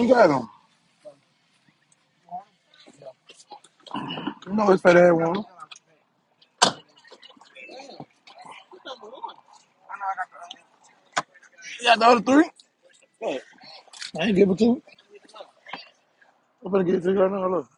You got him. You know his fat ass one. You got the other three? I ain't give it to him. I'm gonna give it to you right now. Look.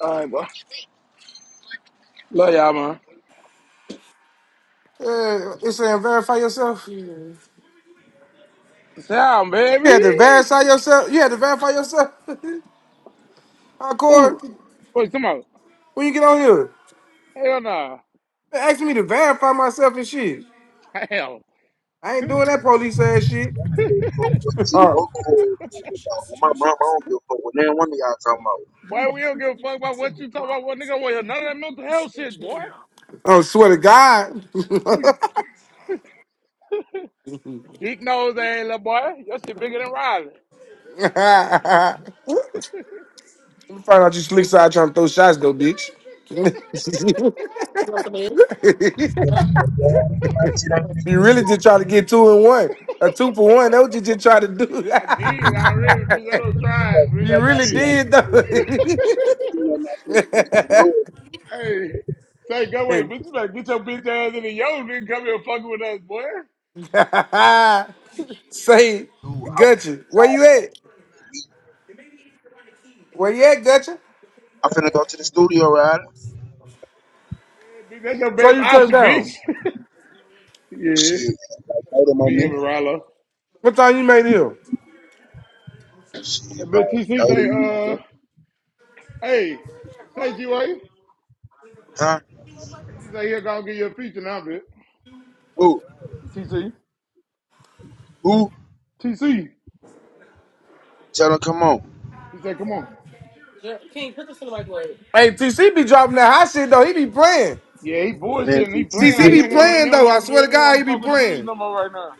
All right, bro. Love y'all, man. Uh, it's saying verify yourself. You Sound, had to baby. verify yourself. You had to verify yourself. Hardcore. Ooh. Wait, come on. When you get on here, Hell nah. they asking me to verify myself and shit. Hell. I ain't doing that police ass shit. Fuck what you oh, what cool talking about. Well, my mama, I don't give a fuck what any one of y'all talking about. Boy, we don't give a fuck about what you talk about. What nigga want none of that mental health shit, boy. oh, swear to God. I mean, tweaking. Big nose ass little boy. Your shit bigger than Riley. I'm find out you slick side trying to throw shots though, bitch. But you know, yeah, my shit ain't you picking really did try to get two in one, a two for one. That what you just tried to do. I did. I already did that little You try, bitch. you you know I my really shit did. ain't did picking though. it You know my shit ain't picking You Hey. Say, go away, bitch. You better get your bitch ass in the yo, nigga. Come here fucking with us, boy. Say, dude, I was Gutchy, inside where you at? Where you at, Gutcher? I'm finna go to the studio, right? Bitch, That's your So best you took option, down. bitch. yeah, Shit, like 30 more me and minutes. Marallo. What time you made here? Shit, And about bitch, TC 30 say, minutes, man. uh, hey, thank you, eh? Huh? TC say he'll go get you a feature now, bitch. Who? TC, Who? TC. Tell her, come on. He said, come on. Hey, TC be dropping that hot shit though. He be playing. Yeah, he Man, bullshitting. He she, she playing TC like he been be don't through. want to. He playing don't though. I want to do swear it. to He don't God, want he to be fuck with the music playing. no more right now.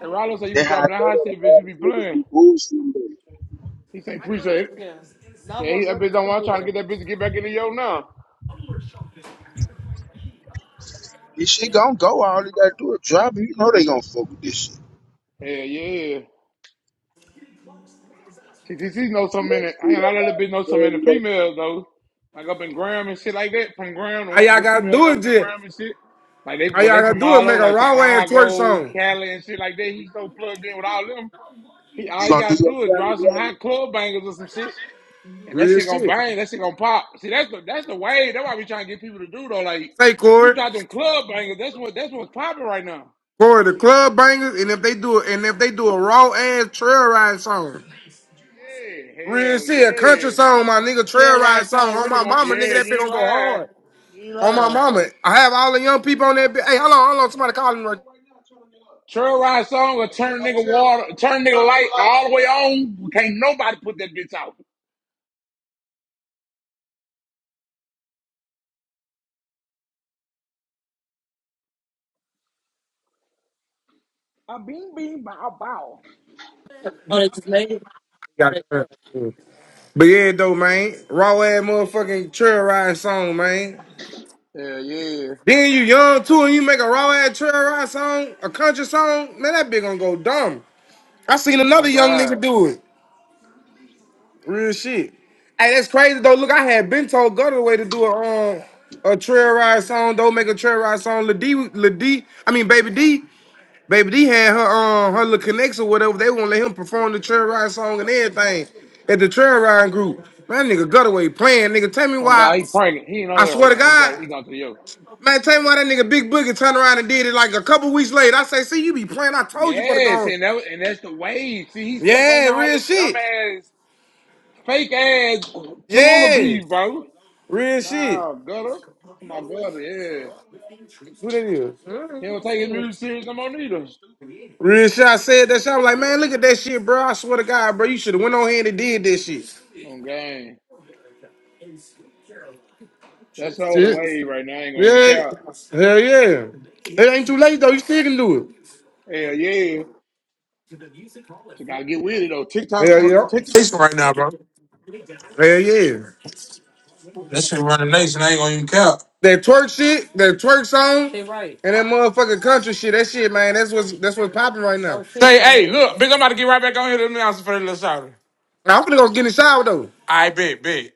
And Rollo said, you They be how I dropping that go to hot the shit, bitch. You be artists, niggas playing. be bullshitting them. He say appreciate it. Yeah, he, that bitch don't want trying to get that bitch to get back into yo now. This shit gonna go, all they gotta do is drop it. You know they gonna fuck with this shit. Hell yeah. CCC knows so many. Let's I do ain't a lot of little bitch know so many You're females though. Like up in Graham and shit like that. From Graham, the, All y'all the gotta females do that it, was in J. Graham and shit. Like they, All well, y'all they gotta from do it. all Make over, a like raw ass twerk Chicago, song. Cali and shit like that. He's so plugged in with all them. He all you going to gotta do your do is family, drop some brother. hot club bangers or some shit, and that Real shit gonna shit. bang. That shit gonna pop. See, that's the that's the way. That's why we trying to get people to do though. Like Say you Corey. drop them club bangers. That's what that's what's popping right now. Corey, the club bangers, and if they do it, and if they do a raw ass trail ride song. Yeah, Real hell shit, a country yeah. song, my nigga, Trey trail ride Rice song. song On really my gonna mama, nigga, yeah, that you bitch ain't gonna go lying. hard. You ain't On my lying. mama. I have all the young people on that bitch. Hey, hold on, hold on. Somebody calling me right Trey Rice song will turn nigga water turn nigga light all the way on. Can't nobody put that bitch out. I bing bing bow bow. Got that. But yeah, though, man. Raw ass motherfucking trail ride song, man. Yeah, yeah. Then you young too, and you make a raw ass trail ride song, a country song. Man, that bitch gonna go dumb. I seen another On young God. nigga do it. Real shit. Hey, that's crazy though. Look, I had been told Gutter way to do a um a trail ride song. Don't make a trail ride song. Lil D, Lil D. I mean, Baby D. Baby D had her um her little connects or whatever. They won't let him perform the trail ride song and everything at the trail ride group. Man, that nigga Gutaway playing. Nigga, tell me On why. God, he pregnant. He ain't on I here right swear to now. He God, got he gone to the yoga. man, tell me why that nigga Big Boogie turned around and did it like a couple weeks later. I say, see, you be playing. I told you for the Yes, gone. and that and that's the way. See, he's stuck on Yeah, all real this dumb shit. ass, fake ass Tallulah Yeah, bees, bro. real shit. Nah, gutter. My brother, yeah. Who that He don't is? take his music serious no more neither. Real shit. I said that shit. i was like, man, look at that shit, bro. I swear to God, bro, you should have went on here and did that shit. On game. That's all the Shit. wave right now. I ain't gonna even Yeah, count. hell yeah. It ain't too late though. You still can do Hell yeah. So gotta get with it though. it. TikTok Hell yeah. TikTok Nation right now, bro. Hell yeah. That shit running nation. I ain't gonna even count. That twerk shit, that twerk song, She right. and that motherfucking country shit. That shit, man. That's what's that's what's popping right now. Say, hey, look, big, I'm about to get right back on here to the announcement for the little shouter. I'm gonna go get in the shower though. I bet, bet.